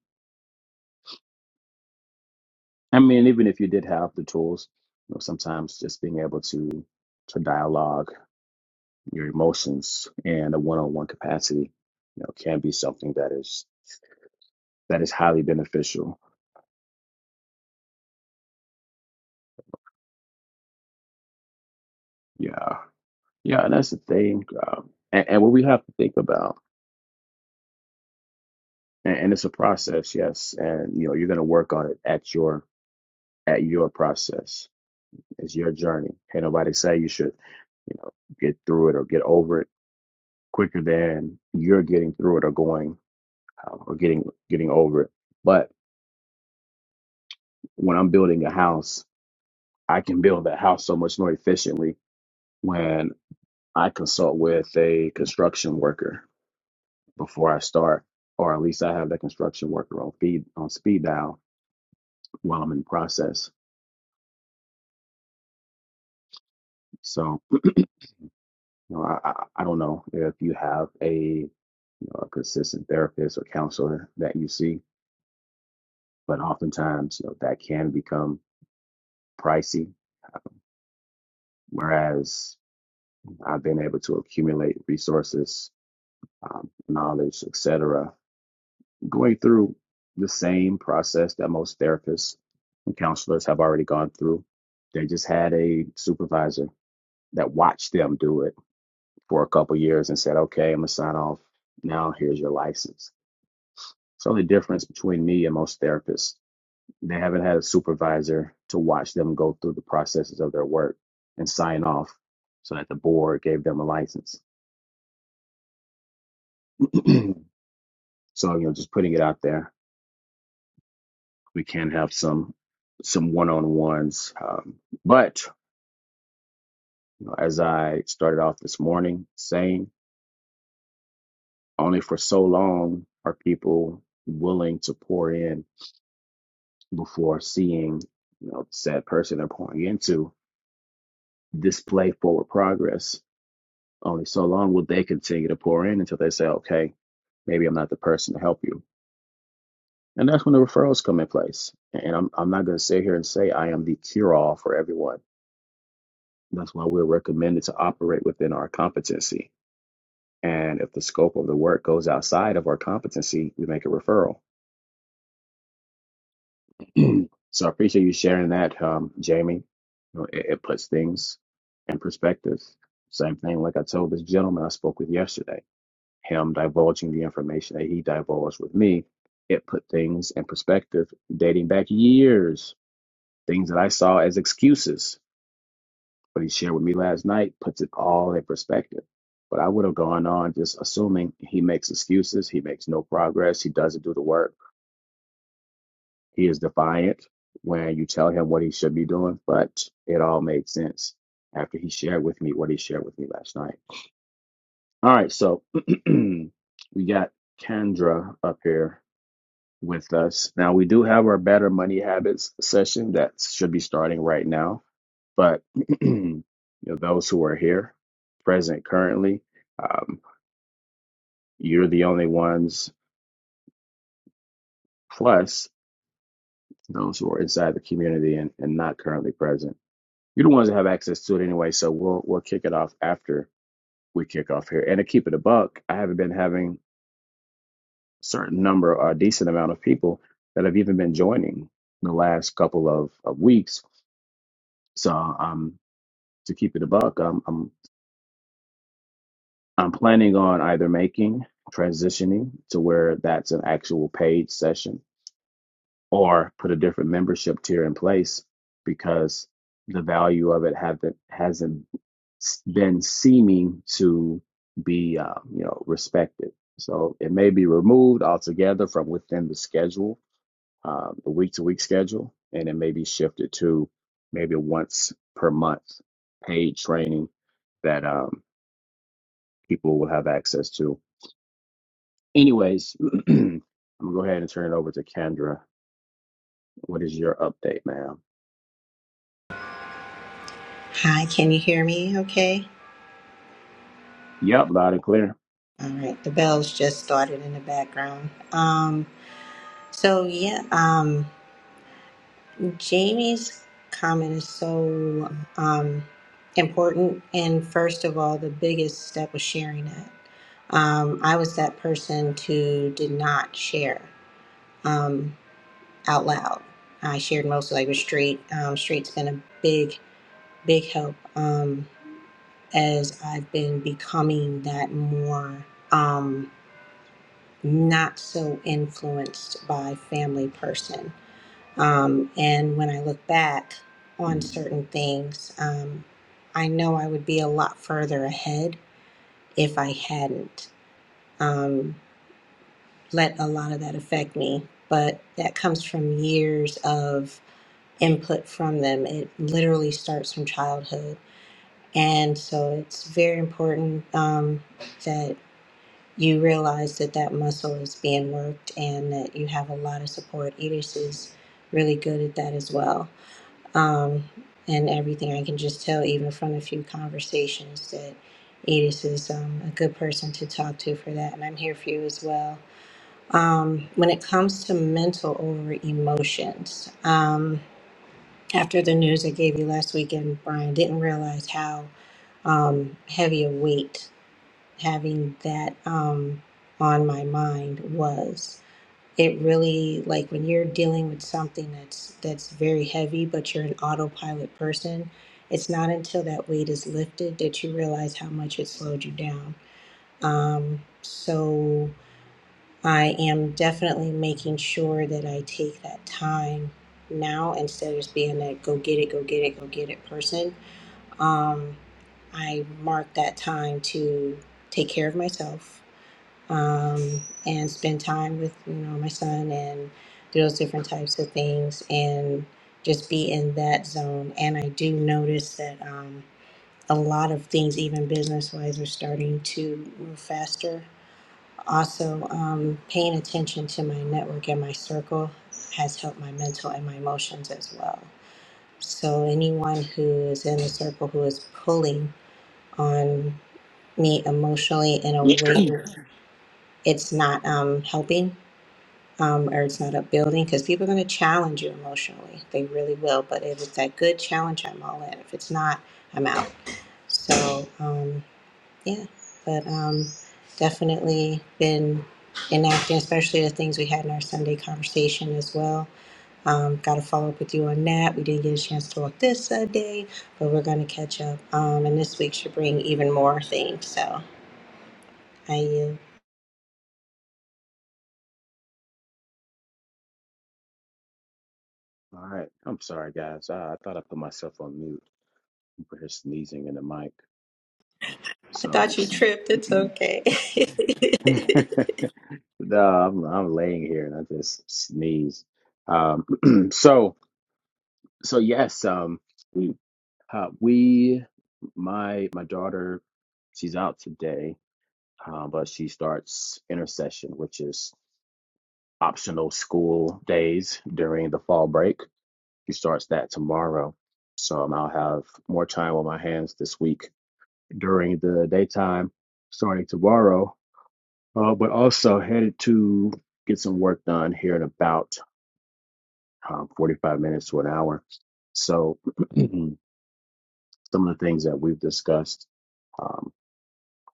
Speaker 1: I mean, even if you did have the tools, you know, sometimes just being able to to dialogue your emotions in a one-on-one capacity, you know, can be something that is that is highly beneficial. Yeah, yeah, and that's the thing. Um, and, and what we have to think about, and, and it's a process, yes, and you know, you're gonna work on it at your at your process It's your journey. Can't nobody say you should, you know, get through it or get over it quicker than you're getting through it or going um, or getting getting over it. But when I'm building a house, I can build that house so much more efficiently when I consult with a construction worker before I start, or at least I have that construction worker on feed on speed dial while I'm in process. So you know, I, I I don't know if you have a, you know, a consistent therapist or counselor that you see but oftentimes you know that can become pricey whereas i've been able to accumulate resources um, knowledge etc going through the same process that most therapists and counselors have already gone through they just had a supervisor that watched them do it for a couple of years and said okay i'm going to sign off now here's your license so the difference between me and most therapists They haven't had a supervisor to watch them go through the processes of their work and sign off so that the board gave them a license. so, you know, just putting it out there, we can have some some one-on-ones. Um, but you know, as I started off this morning saying, only for so long are people willing to pour in before seeing, you know, the said person they're pouring into display forward progress Only so long will they continue to pour in until they say, okay, maybe I'm not the person to help you. And that's when the referrals come in place. And I'm, I'm not going to sit here and say I am the cure all for everyone. That's why we're recommended to operate within our competency. And if the scope of the work goes outside of our competency, we make a referral. so I appreciate you sharing that, um, Jamie. You know, it, it puts things in perspective. Same thing, like I told this gentleman I spoke with yesterday him divulging the information that he divulged with me, it put things in perspective dating back years. Things that I saw as excuses, what he shared with me last night puts it all in perspective. But I would have gone on just assuming he makes excuses, he makes no progress, he doesn't do the work, he is defiant when you tell him what he should be doing. But it all made sense after he shared with me what he shared with me last night. All right, so we got Kendra up here. with us. Now, we do have our Better Money Habits session that should be starting right now, but you know, those who are here, present currently, um, you're the only ones, plus those who are inside the community and, and not currently present. You're the ones that have access to it anyway, so we'll we'll kick it off after we kick off here. And to keep it a buck, I haven't been having a certain number or a decent amount of people that have even been joining the last couple of, of weeks. So I'm to keep it a buck, I'm I'm I'm planning on either making transitioning to where that's an actual paid session or put a different membership tier in place because the value of it haven't hasn't s- been seeming to be uh, you know respected. So it may be removed altogether from within the schedule, uh, the week to week schedule, and it may be shifted to maybe once per month paid training that um, people will have access to. Anyways, I'm gonna go ahead and turn it over to Kendra. What is your update, ma'am?
Speaker 4: Hi, can you hear me okay?
Speaker 1: Yep, loud and clear.
Speaker 4: All right, the bells just started in the background. Um, so yeah, um, Jamie's comment is so um, important. And first of all, the biggest step was sharing that. Um, I was that person who did not share um, out loud. I shared mostly like with Street. Um, Street's been a big, big help um, as I've been becoming that more. Um, not so influenced by family person. Um, and when I look back on certain things, um, I know I would be a lot further ahead if I hadn't um, let a lot of that affect me. But that comes from years of input from them. It literally starts from childhood. And so it's very important um, that you realize that that muscle is being worked and that you have a lot of support. Edis is really good at that as well. Um, and everything I can just tell, even from a few conversations, that Edis is um, a good person to talk to for that. And I'm here for you as well. Um, when it comes to mental over emotions, um, after the news I gave you last weekend, Brian, didn't realize how um, heavy a weight having that um, on my mind was it really like when you're dealing with something that's that's very heavy but you're an autopilot person it's not until that weight is lifted that you realize how much it slowed you down um, so i am definitely making sure that i take that time now instead of just being that go get it go get it go get it person um, i mark that time to take care of myself um, and spend time with you know my son and do those different types of things and just be in that zone. And I do notice that um, a lot of things, even business wise, are starting to move faster. Also, um, paying attention to my network and my circle has helped my mental and my emotions as well. So anyone who is in the circle who is pulling on me emotionally in a
Speaker 1: All
Speaker 4: way that it's not um, helping um, or it's not upbuilding because people are going to challenge you emotionally. They really will. But if it's that good challenge, I'm all in. If it's not, I'm out. So um, yeah, but um, definitely been enacting, especially the things we had in our Sunday conversation as well. Um, Got to follow up with you on that. We didn't get a chance to talk this uh, day, but we're going to catch up. Um, and this week should bring even more things. So I, uh,
Speaker 1: right. I'm sorry, guys. I, I thought I put myself on mute for her sneezing in the mic.
Speaker 4: I
Speaker 1: So,
Speaker 4: thought you tripped. It's
Speaker 1: no,
Speaker 4: okay.
Speaker 1: I'm, I'm laying here and I just sneeze. Um, so, so yes, um, we, uh, we, my, my daughter, she's out today, uh, but she starts intercession, which is optional school days during the fall break. He starts that tomorrow. So um, I'll have more time on my hands this week during the daytime starting tomorrow, uh, but also headed to get some work done here in about um, 45 minutes to an hour. So some of the things that we've discussed, um,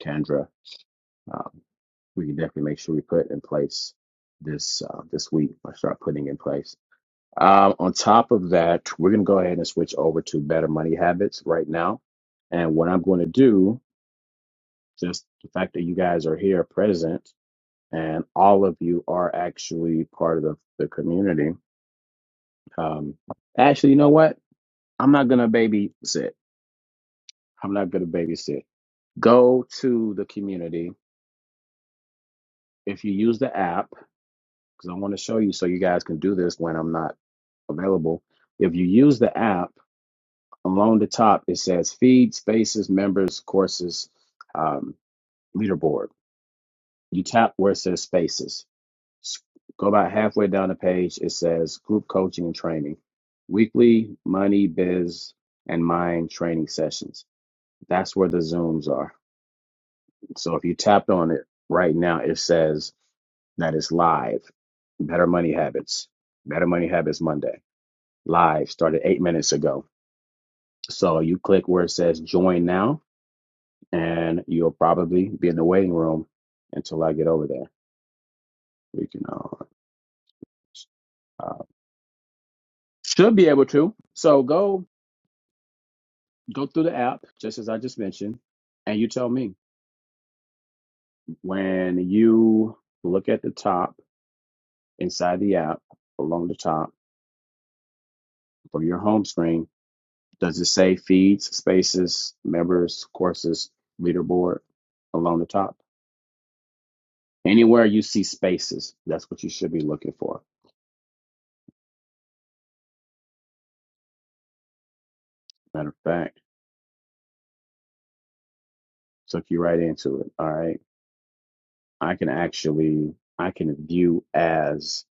Speaker 1: Kendra, um, we can definitely make sure we put in place this uh, this week or start putting in place. Um, on top of that, we're going to go ahead and switch over to better money habits right now. And what I'm going to do, just the fact that you guys are here present and all of you are actually part of the, the community. Um, actually, you know what? I'm not going to babysit. I'm not going to babysit. Go to the community. If you use the app, because I want to show you so you guys can do this when I'm not available. If you use the app, along the top it says feed spaces members courses um, leaderboard you tap where it says spaces S- go about halfway down the page it says group coaching and training weekly money biz and mind training sessions that's where the zooms are so if you tapped on it right now it says that it's live better money habits better money habits monday live started eight minutes ago so you click where it says join now and you'll probably be in the waiting room until I get over there. We can uh, uh, should be able to. So go go through the app just as I just mentioned, and you tell me when you look at the top inside the app along the top from your home screen. Does it say feeds, spaces, members, courses, leaderboard along the top? Anywhere you see spaces, that's what you should be looking for. Matter of fact, took you right into it. All right. I can actually I can view as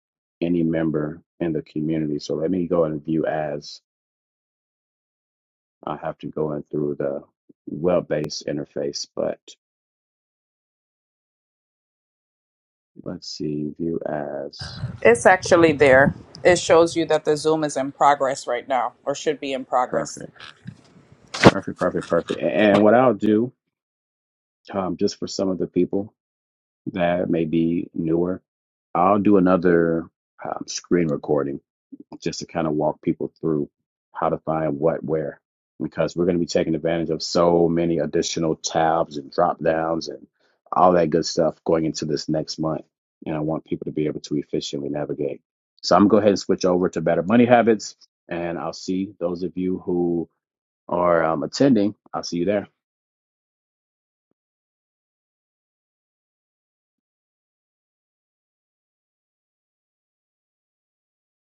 Speaker 1: any member in the community. So let me go and view as I have to go in through the web-based interface, but let's see, view as
Speaker 3: It's actually there. It shows you that the Zoom is in progress right now or should be in progress.
Speaker 1: perfect, perfect, perfect, perfect. A- And what I'll do, um, just for some of the people that may be newer, I'll do another um, screen recording just to kind of walk people through how to find what where because we're going to be taking advantage of so many additional tabs and drop downs and all that good stuff going into this next month and i want people to be able to efficiently navigate so i'm going to go ahead and switch over to better money habits and i'll see those of you who are um, attending i'll see you there